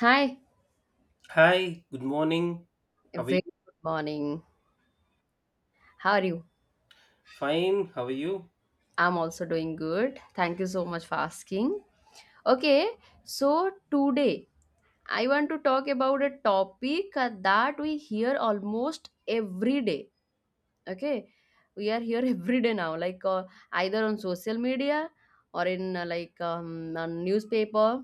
Hi, Hi, good morning. a How are you? very good morning. How are you? Fine, how are you? I'm also doing good. Thank you so much for asking. Okay, so today I want to talk about a topic that we hear almost every day. Okay, we are here every day now, like either on social media or in like on newspaper,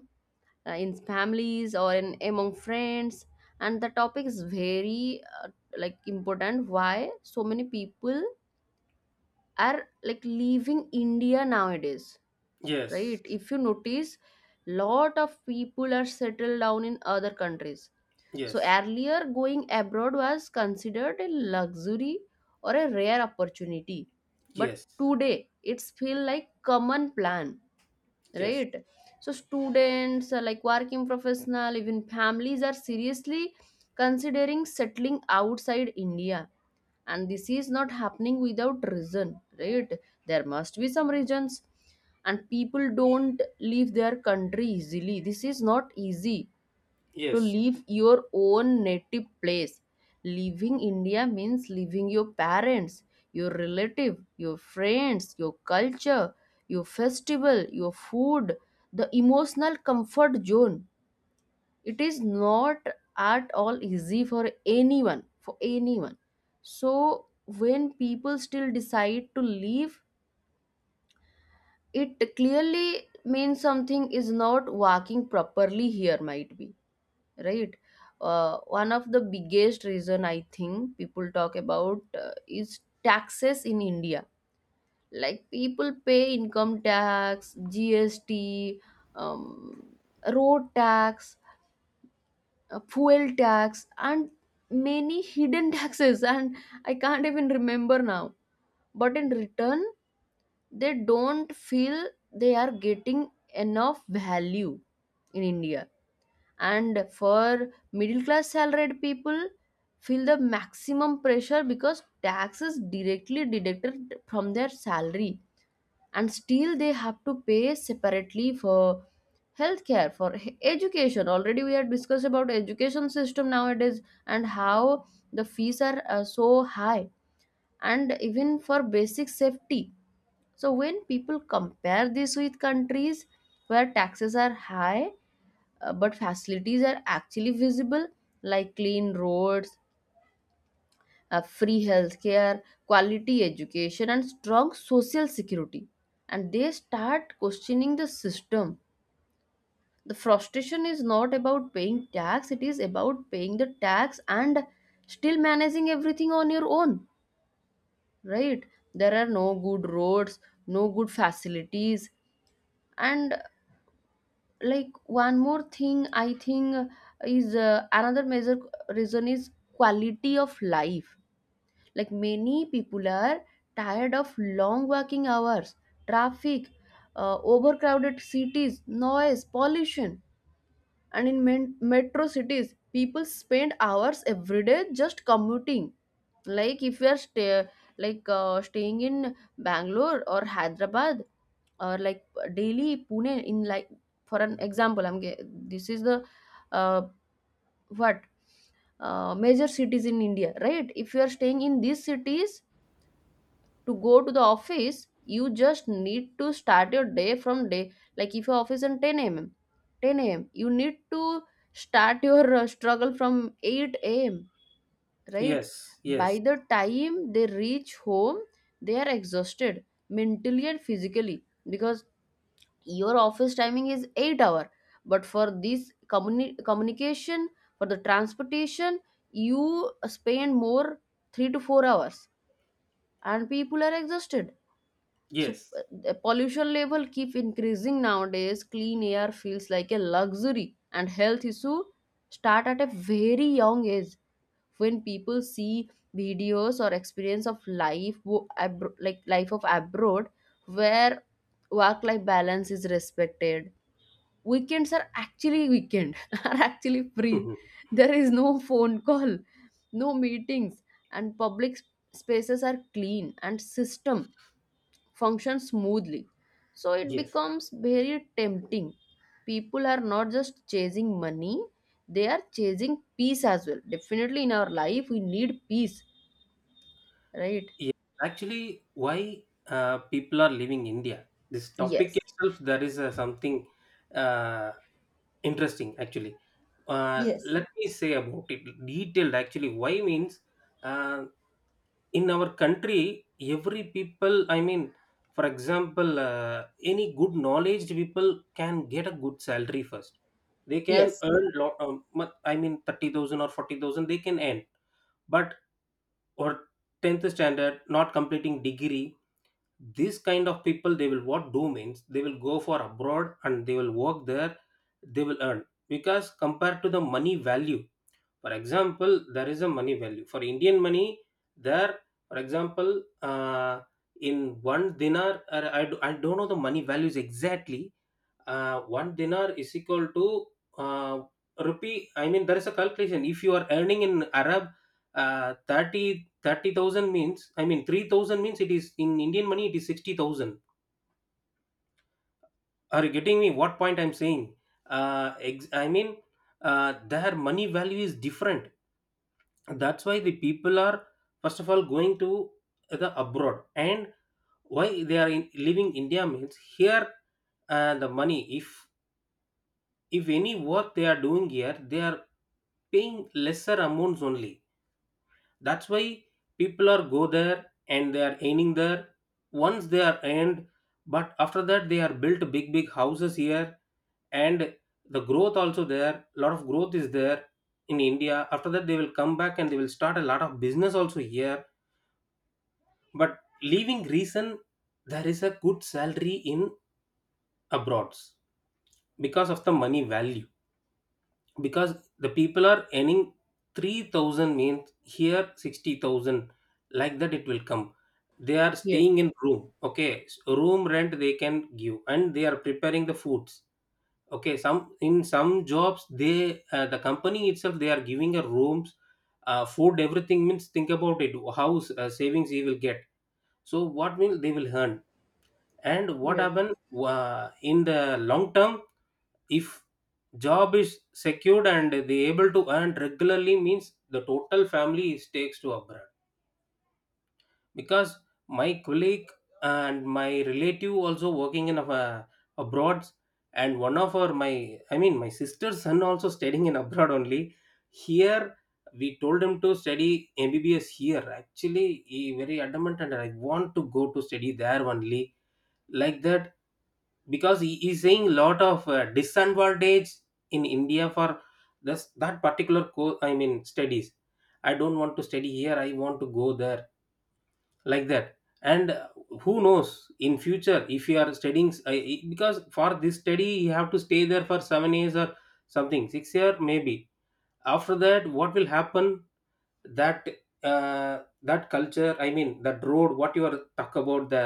in families or in among friends. And the topic is very like important. Why so many people are like leaving India nowadays, right? Yes, If you notice, lot of people are settled down in other countries. So yes, earlier, going abroad was considered a luxury or a rare opportunity, but yes, today it's feel like common plan, yes, right? So students, like working professional, even families are seriously considering settling outside India. And this is not happening without reason, right? There must be some reasons, and people don't leave their country easily. This is not easy to yes, leave your own native place. Leaving India means leaving your parents, your relative, your friends, your culture, your festival, your food, the emotional comfort zone. It is not at all easy for anyone, for anyone. So when people still decide to leave, it clearly means something is not working properly here, might be, right? One of the biggest reason I think people talk about is taxes in India. Like people pay income tax, GST, um, road tax, fuel tax, and many hidden taxes, and I can't even remember now. But in return, they don't feel they are getting enough value in India. And for middle class salaried people feel the maximum pressure because taxes directly deducted from their salary, and still they have to pay separately for healthcare, for education. Already we had discussed about education system nowadays and how the fees are so high, and even for basic safety. So when people compare this with countries where taxes are high, but facilities are actually visible, like clean roads, free healthcare, quality education, and strong social security. And they start questioning the system. The frustration is not about paying tax, it is about paying the tax and still managing everything on your own, right? There are no good roads, no good facilities, and like one more thing, I think is another major reason is quality of life. Like many people are tired of long working hours, traffic, overcrowded cities, noise pollution. And in metro cities, people spend hours every day just commuting. Like if you are staying in Bangalore or Hyderabad, or like Delhi, Pune, in like, for an example, I'm ge- this is the uh, what major cities in India, right? If you are staying in these cities, to go to the office you just need to start your day from day. Like if your office in 10 a.m., 10 a.m. you need to start your struggle from 8 a.m., right? yes, By yes, the time they reach home, they are exhausted mentally and physically, because your office timing is 8 hour, but for this communication, for the transportation, you spend more 3 to 4 hours, and people are exhausted. So yes, the pollution level keep increasing nowadays. Clean air feels like a luxury, and health issue start at a very young age. When people see videos or experience of life, like life of abroad, where work-life balance is respected, weekends are actually weekend are actually free. There is no phone call, no meetings, and public spaces are clean and system function smoothly. So it yes, becomes very tempting. People are not just chasing money, they are chasing peace as well. Definitely in our life, we need peace, right? yes. Actually, why people are leaving India? This topic Yes, itself, there is something uh, interesting actually. Let me say about it detailed actually. Why means uh, in our country every people I mean for example any good knowledge people can get a good salary first, they can yes, earn lot I mean 30,000 or 40,000 they can earn. But or 10th standard not completing degree, this kind of people, they will what do means they will go for abroad and they will work there, they will earn because compared to the money value. For example, there is a money value. For Indian money, there, for example, in one dinar, or I don't know the money values exactly. One dinar is equal to uh, rupee. I mean, there is a calculation. If you are earning in Arab, 30 30,000 means, I mean, 3,000 means it is in Indian money, it is 60,000. Are you getting me what point I'm saying? I mean, their money value is different, and that's why the people are first of all going to the abroad. And why they are in, leaving India means here the money. If any work they are doing here, they are paying lesser amounts only. That's why people are go there and they are earning there. Once they are earned, but after that they are built big big houses here. And the growth also there, lot of growth is there in India. After that they will come back and they will start a lot of business also here. But leaving reason, there is a good salary in abroads because of the money value. Because the people are earning 3,000 means here 60,000, like that it will come. They are yes, staying in room. Okay, room rent they can give and they are preparing the foods. Okay, some in some jobs they the company itself they are giving a rooms, food, everything means think about it. How savings he will get. So what will they will earn and what yes, happen. In the long term, if job is secured and they able to earn regularly means the total family is takes to abroad. Because my colleague and my relative also working in abroad. And one of our my I mean my sister's son also studying in abroad only. Here we told him to study MBBS here. Actually he very adamant and I want to go to study there only, like that. Because he is saying lot of disadvantage in India for this that particular course I mean studies. I don't want to study here, I want to go there, like that. And who knows in future. If you are studying because for this study you have to stay there for 7 years or something 6 year maybe. After that what will happen, that that culture I mean that road what you are talk about. the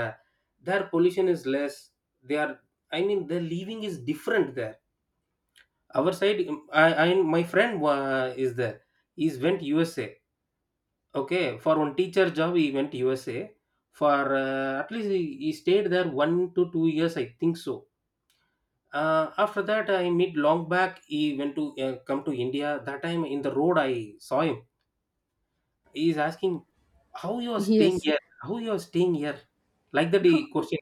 their pollution is less, they are I mean the living is different there. Our side I my friend is there. He's went USA. Okay, for one teacher job, he went USA. For at least he stayed there 1 to 2 years, I think so. After that, I meet long back. He went to come to India. That time in the road, I saw him. He is asking, "How you are staying yes, here? How you are staying here?" Like that, he question.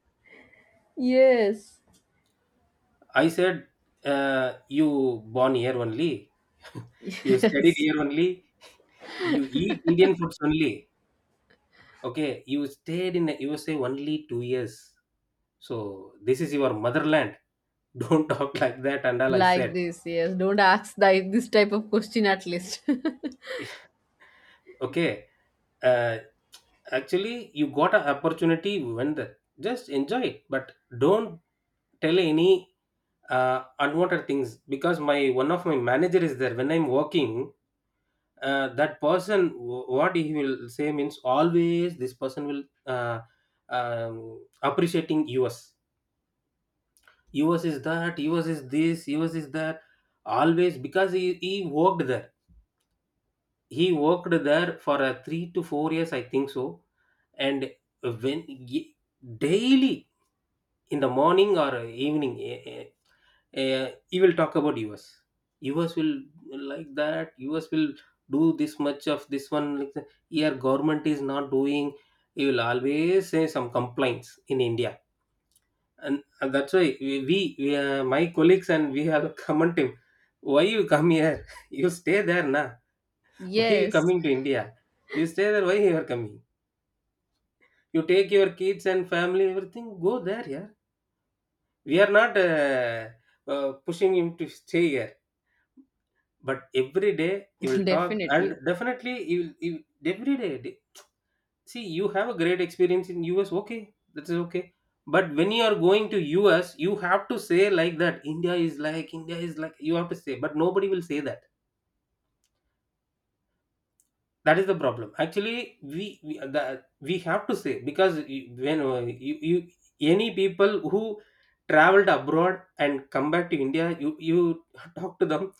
yes, I said, "You born here only. You studied yes. here only. You eat Indian foods only. Okay, you stayed in the USA only 2 years." So this is your motherland. Don't talk like that. And all I Like said, this, yes. Don't ask this type of question at least. okay. Uh, actually, you got an opportunity when the just enjoy it. But don't tell any unwanted things because my one of my manager is there when I'm working. That person, what he will say means always this person will appreciating US. US is that. US is this. US is that. Always because he worked there, for a 3 to 4 years I think so. And when daily in the morning or evening, he will talk about us. Us will, like that, us will do this much of this one, like that. Here government is not doing. He will always say some complaints in India. And that's why we my colleagues and we have comment him. Why you come here? You stay there na. Why you Yes. coming to India? You stay there. Why you are coming? You take your kids and family, everything. Go there, yeah. We are not pushing him to stay here. But every day he will talk, and Definitely. definitely he will. See, you have a great experience in US. Okay, that is okay. But when you are going to US, you have to say like that. India is like. You have to say, but nobody will say that. That is the problem. Actually, we have to say because when you, you any people who traveled abroad and come back to India, you talk to them,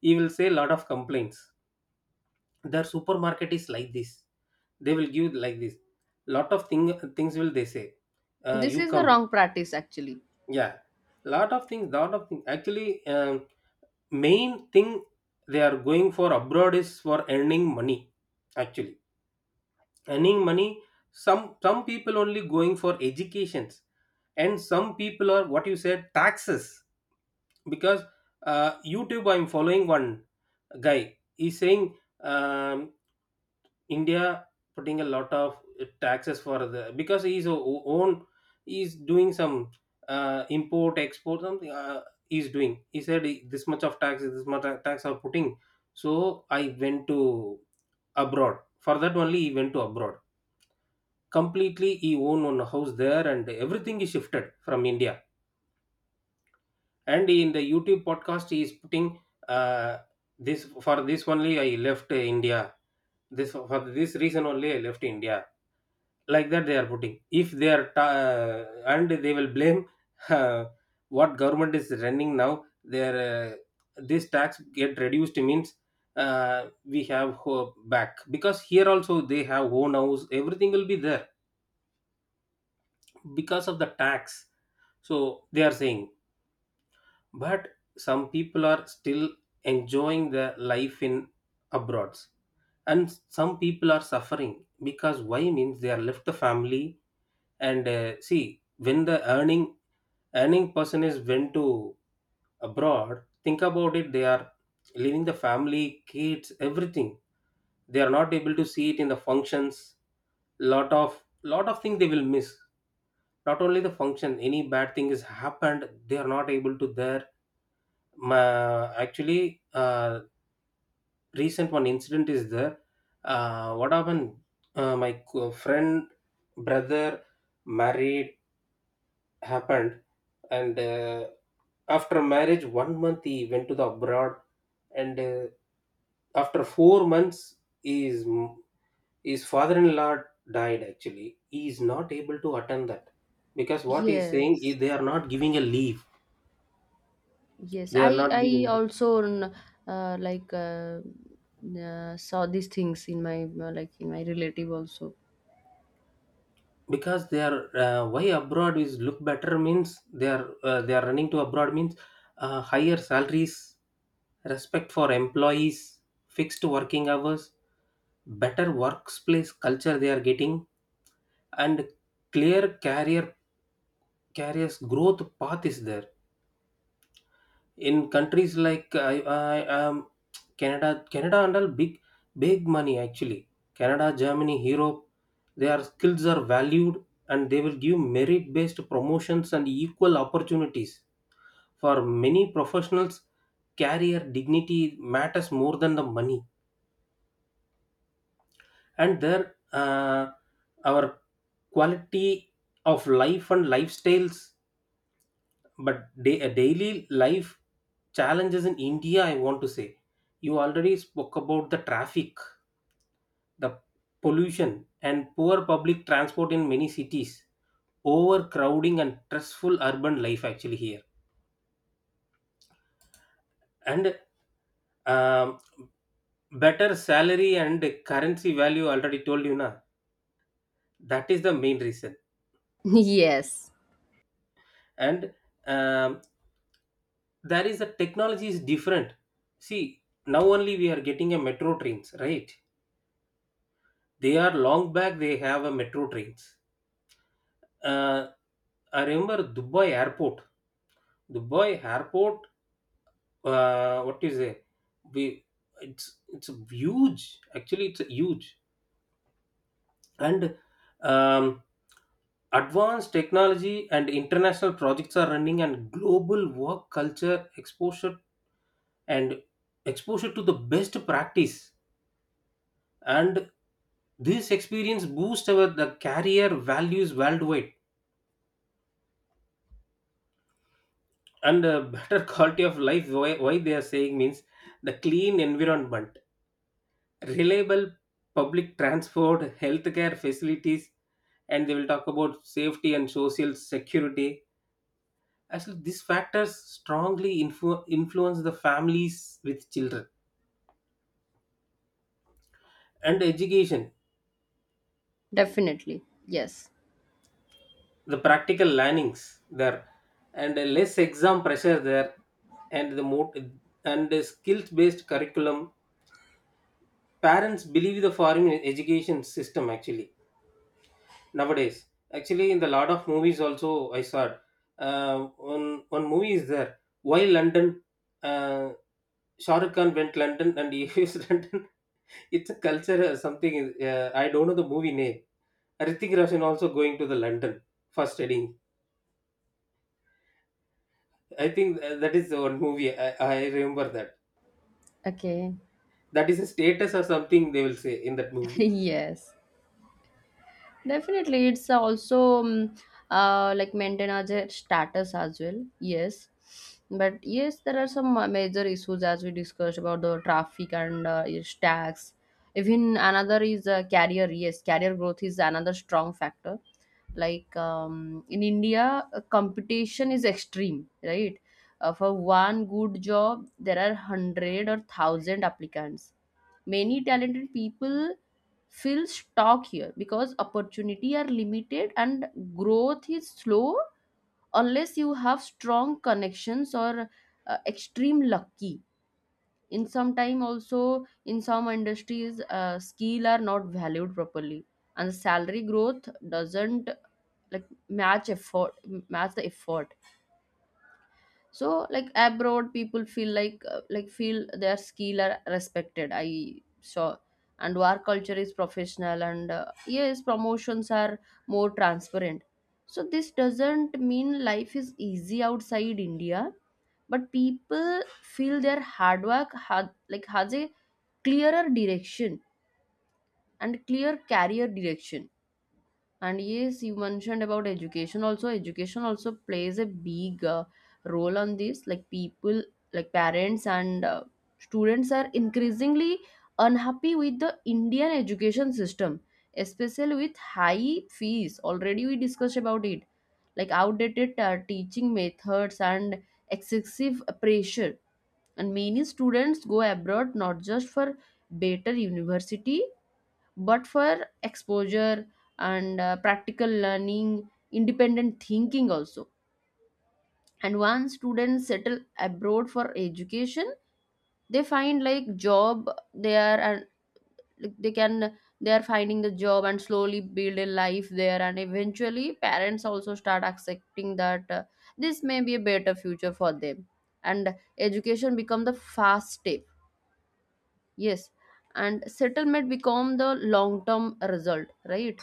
you will say a lot of complaints. Their supermarket is like this. They will give like this. Lot of things will they say. This You is the come, wrong practice actually. yeah. Lot of things, lot of things. Actually, main thing they are going for abroad is for earning money. Actually earning money, some people only going for educations. And some people are what you said taxes. Because youtube I'm following one guy, he's saying um, India putting a lot of taxes for the, because he's a own, he's doing some import export something he's doing. He said this much of taxes, this much of tax are putting. So I went to abroad for that only. He went to abroad completely. He own one house there and everything is shifted from India. And in the youtube podcast he is putting uh, this, for this only I left India. This for this reason only I left India, like that they are putting. If they are and they will blame uh, what government is running now, their this tax get reduced means uh, we have hope back, because here also they have own house, everything will be there because of the tax, so they are saying. But some people are still enjoying their life in abroad. And some people are suffering because why means they are left the family. And see when the earning earning person is went to abroad, think about it, they are leaving the family, kids, everything. They are not able to see it in the functions. Lot of things they will miss. Not only the function, any bad thing has happened, they are not able to there. Actually, recent one incident is there. What happened? My friend, brother, married happened, and after marriage, 1 month he went to the abroad, and after 4 months, his his father-in-law died. Actually, he is not able to attend that, because what he is saying Yes. is they are not giving a leave, Yes, they are I not I giving. also uh, like uh, saw these things in my like in my relative also. Because they are why abroad is look better means they are running to abroad means higher salaries, respect for employees, fixed working hours, better workplace culture they are getting. And clear career careers growth path is there in countries like I Canada. Handle big big money actually. Canada, Germany, Europe, their skills are valued and they will give merit based promotions and equal opportunities. For many professionals, career dignity matters more than the money. And their our quality of life and lifestyles. But a daily life challenges in India I want to say. You already spoke about the traffic, the pollution and poor public transport in many cities, overcrowding and stressful urban life actually here. And um, better salary and currency value already told you na, that is the main reason. Yes, And um, there is a technology is different, see. Now only we are getting a metro trains right. They are long back. They have a metro trains. Uh, I remember Dubai airport. Dubai airport. What is it? We it's huge. Actually, it's huge and um, advanced technology and international projects are running, and global work culture exposure and exposure to the best practice, and this experience boosts our the career values worldwide. And better quality of life, why they are saying means the clean environment, reliable public transport, healthcare facilities. And they will talk about safety and social security. Actually, these factors strongly influence the families with children and education, definitely. Yes. the practical learnings there, and a less exam pressure there, and the more and the skills based curriculum. Parents believe the foreign education system actually nowadays. Actually, in the lot of movies also I saw, uh, one one movie is there, why London. uh, Shah Rukh Khan went London and he used London. It's a culture or something. I don't know the movie name. Hrithik Roshan also going to the London for studying. I think that is the one movie. I remember that. Okay. That is a status or something they will say in that movie. Yes. Definitely, it's also like maintain as a status as well. Yes, but yes, there are some major issues as we discussed about the traffic and is tax. Even another is career. Yes, career growth is another strong factor. Like in India, competition is extreme, right? For one good job, there are hundred or thousand applicants. Many talented people feel stuck here because opportunity are limited and growth is slow, unless you have strong connections or extreme lucky. In some time also, in some industries, skill are not valued properly, and salary growth doesn't like match effort match the effort. So like abroad, people feel like feel their skill are respected, I saw. And work culture is professional, and yes, promotions are more transparent. So this doesn't mean life is easy outside India, but people feel their hard work had like has a clearer direction and clear career direction. And yes, you mentioned about education also. Education also plays a big role on this. Like people, like parents and students are increasingly unhappy with the Indian education system, especially with high fees. Already we discussed about it, like outdated teaching methods and excessive pressure. And many students go abroad not just for better university but for exposure and practical learning, independent thinking also. And once students settle abroad for education, they find like job they are, and like, they are finding the job and slowly build a life there, and eventually parents also start accepting that this may be a better future for them. And education become the fast step, yes, and settlement become the long term result, right?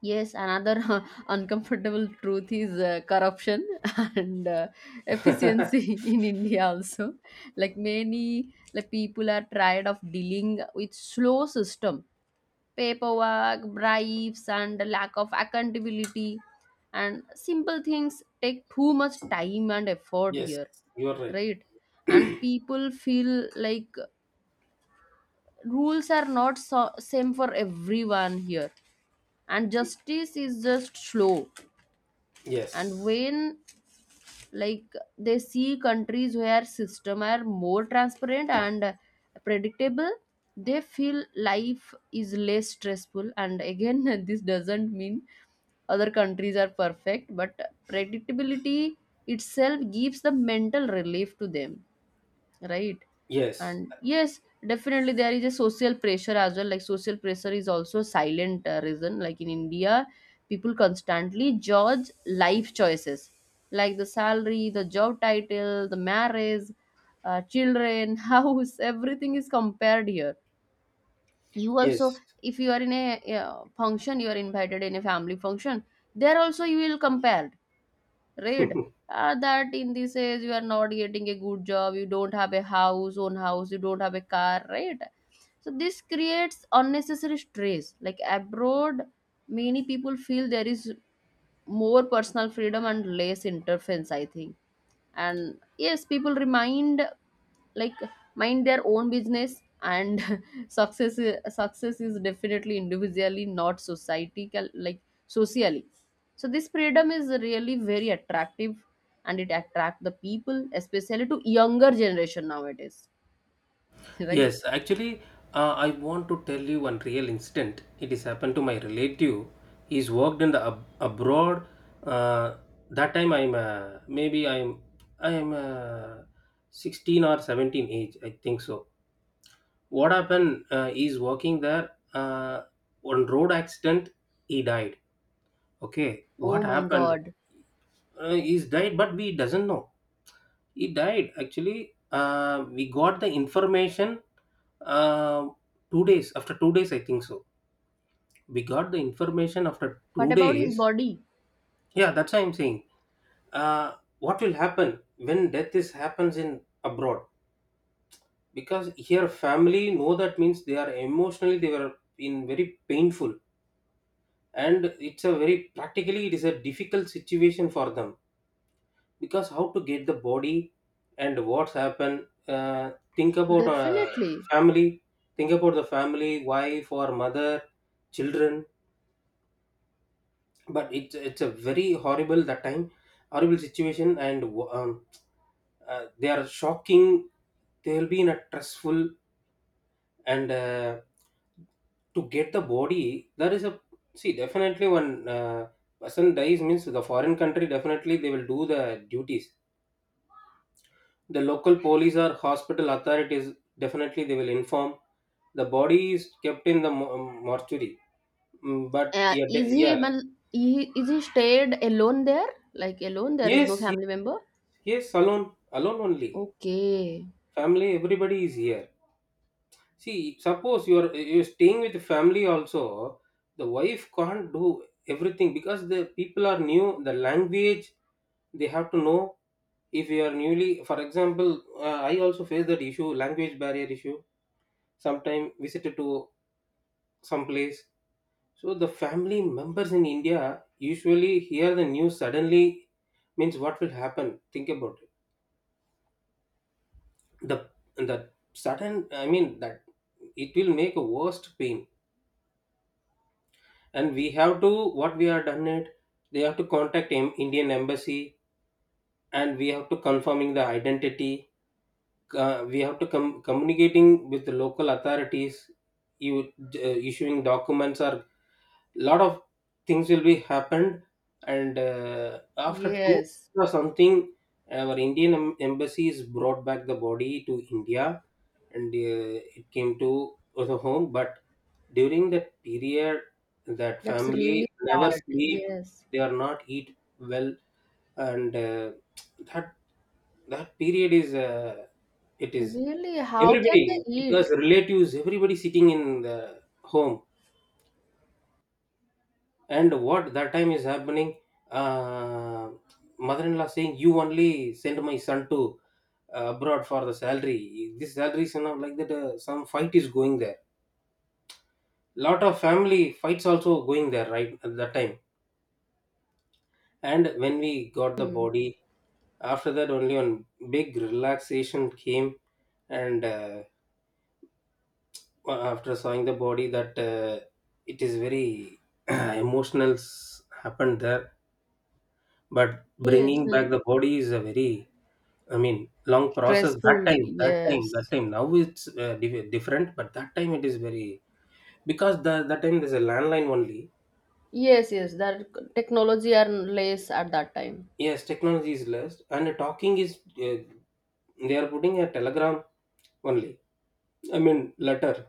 Yes, another uncomfortable truth is corruption and efficiency in India also. Like many people are tired of dealing with slow system, paperwork, bribes, and lack of accountability. And simple things take too much time and effort Yes, here, you are right. right? And people feel like rules are not same for everyone here, and justice is just slow. And Yes, when, like, they see countries where system are more transparent and predictable, they feel life is less stressful. And again, this doesn't mean other countries are perfect, but predictability itself gives the mental relief to them, right? yes, And yes, definitely there is a social pressure as well, like social pressure is also a silent reason, like in India people constantly judge life choices, like the salary, the job title, the marriage, children, house, everything is compared here, you also. yes. If you are in a function, you are invited in a family function, there also you will compare, right? That in this age you are not getting a good job, you don't have a house, own house, you don't have a car, right? So this creates unnecessary stress. Like abroad, many people feel there is more personal freedom and less interference, I think. And yes, people remind like mind their own business, and success is definitely individually, not society cal- like socially. So this freedom is really very attractive, and it attract the people especially to younger generation nowadays, right. Yes, actually, I want to tell you one real incident. It has happened to my relative. He's worked in the abroad. Uh, that time I'm maybe I'm 16 or 17 age, I think so. What happened? He's working there. On road accident, he died. Okay, Oh what my happened? god. He's died but we doesn't know he died actually. We got the information uh, 2 days after, 2 days I think so. We got the information after What two about his days body? Yeah, that's what I'm saying. uh, what will happen when death is happens in abroad? Because here family know that means they are emotionally, they were in very painful, and it's a very practically it is a difficult situation for them, because how to get the body and what's happened. Think about Definitely. family. Think about the family, wife or mother, children. But it's a very horrible that time, horrible situation. And um, they are shocking, they'll be in a stressful. And to get the body there is a, see, definitely when person dies means the foreign country, definitely they will do the duties. The local police or hospital authorities definitely they will inform. The body is kept in the mortuary. Mm, but uh, yeah, is he yeah. man- he- is he stayed alone there, like alone? There is Yes, no family yes. member. Yes, alone only. Okay. Family everybody is here. See, suppose you're staying with family also, the wife can't do everything because the people are new, the language they have to know. If you are newly, for example, I also face that issue, language barrier issue, sometime visited to some place. So the family members in India usually hear the news suddenly, means what will happen. Think about it. The the sudden I mean that it will make a worst pain. And we have to what we have done it, they have to contact Indian embassy, and we have to confirming the identity. We have to communicating with the local authorities. You issuing documents or lot of things will be happened. And after two Yes. weeks or something, our Indian embassies brought back the body to India. And it came to the home, but during that period that That's family really never sad. sleep, Yes. they are not eat well. And that, that period is it is, Really, how everybody, can they because eat? relatives everybody sitting in the home. And what that time is happening, uh, mother-in-law saying, "You only send my son to abroad for the salary. This salary is enough." Like that, some fight is going there. Lot of family fights also going there right at that time. And when we got the body, after that only one big relaxation came. And after seeing the body, that it is very emotional happened there. But Yes. bringing back the body is a very, I mean, long process that Stressful. time, that Yes. time. Now it's different, but that time it is very, because the that time there's a landline only. Yes, yes. Their technology are less at that time. Yes, technology is less, and talking is they are putting a telegram only. I mean, letter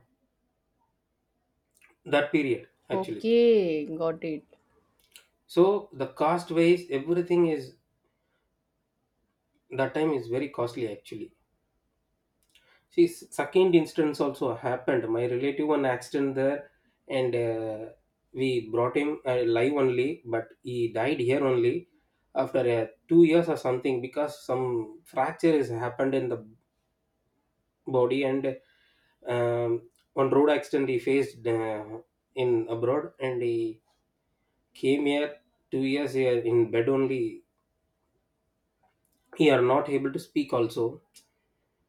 that period actually. Okay, got it. So the cost wise, everything is, that time is very costly actually. See, second instance also happened. My relative one accident there, and we brought him live only, but he died here only after 2 years or something because some fracture has happened in the body. And um, one road accident he faced in abroad, and he came here, 2 years here in bed only. He are not able to speak also.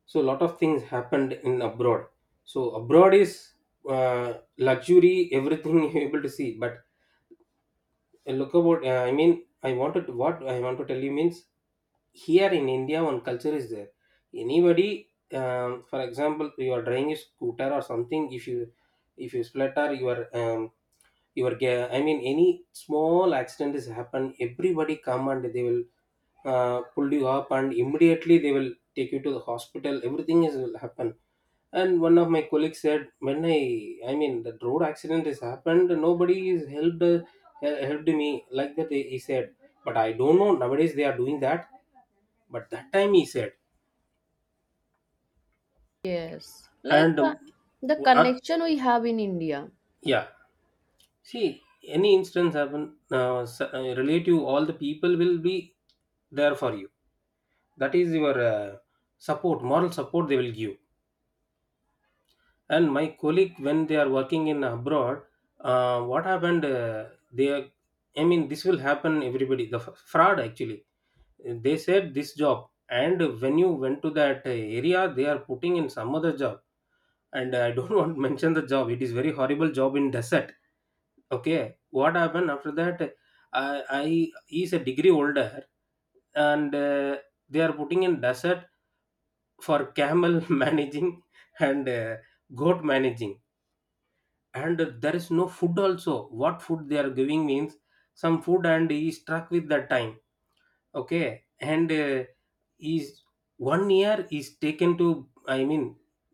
So a lot of things happened in abroad. So abroad is luxury everything you're able to see. But look about I mean, I wanted to, what I want to tell you means, here in India one culture is there, anybody, for example, you are driving a scooter or something, if you splatter, you are I mean any small accident has happened, everybody come and they will pull you up, and immediately they will take you to the hospital, everything is will happen. And one of my colleagues said, when I mean, that road accident has happened, nobody is helped, helped me like that. He said, but I don't know, nowadays they are doing that. But that time he said, Yes. Like and the w- uh, connection we have in India. yeah, see, any instance happen, relative, all the people will be there for you. That is your support, moral support they will give. And my colleague when they are working in abroad, what happened, they are, I mean this will happen everybody, the fraud actually. They said this job, and when you went to that area, they are putting in some other job. And I don't want to mention the job, it is very horrible job in desert. Okay, what happened after that? i I, he's a degree holder, and they are putting in desert for camel managing and goat managing. And there is no food also, what food they are giving means some food, and he struck with that time. Okay, and is 1 year is taken to, I mean,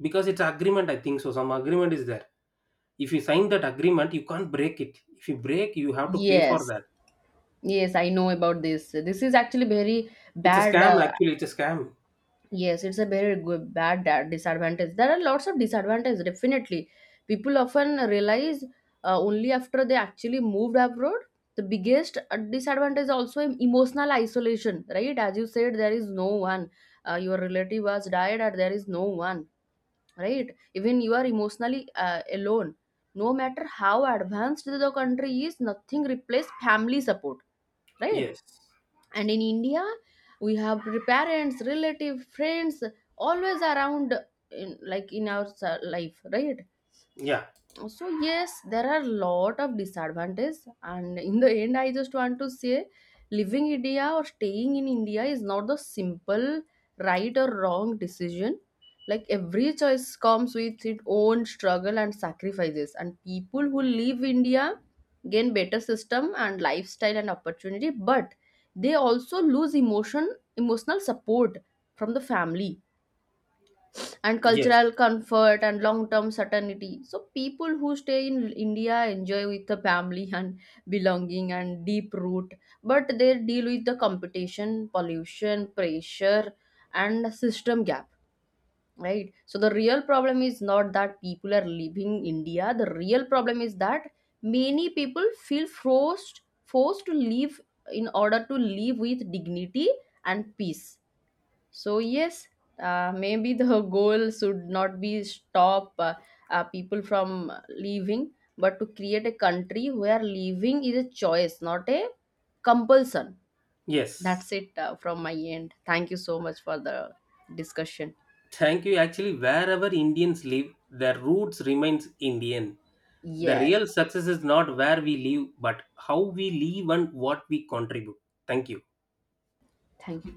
because it's agreement I think so, some agreement is there. If you sign that agreement you can't break it, if you break you have to pay for Yes. that. Yes, I know about this. This is actually very It's a bad. scam actually, it's a scam. Yes, it's a very good, bad disadvantage. There are lots of disadvantages, definitely. People often realize only after they actually moved abroad. The biggest disadvantage is also emotional isolation, right? As you said, there is no one. Your relative has died, or there is no one, right? Even you are emotionally alone. No matter how advanced the country is, nothing replaces family support, right? Yes, And in India, we have parents, relative, friends always around in, like in our life, right? yeah, So yes, there are lot of disadvantages, and in the end, I just want to say, leaving India or staying in India is not the simple right or wrong decision. Like every choice comes with its own struggle and sacrifices, and people who leave India gain better system and lifestyle and opportunity, but they also lose emotional support from the family and yes, cultural comfort and long term certainty. So, people who stay in India enjoy with the family and belonging and deep root, but they deal with the competition, pollution, pressure, and system gap. Right, so the real problem is not that people are leaving India, the real problem is that many people feel forced to live in order to live with dignity and peace. So yes, maybe the goal should not be stop people from leaving, but to create a country where leaving is a choice, not a compulsion. That's yes. it from my end. Thank you so much for the discussion. Thank you. Actually, wherever Indians live, their roots remains Indian. The Yes, real success is not where we live, but how we live and what we contribute. Thank you. thank you.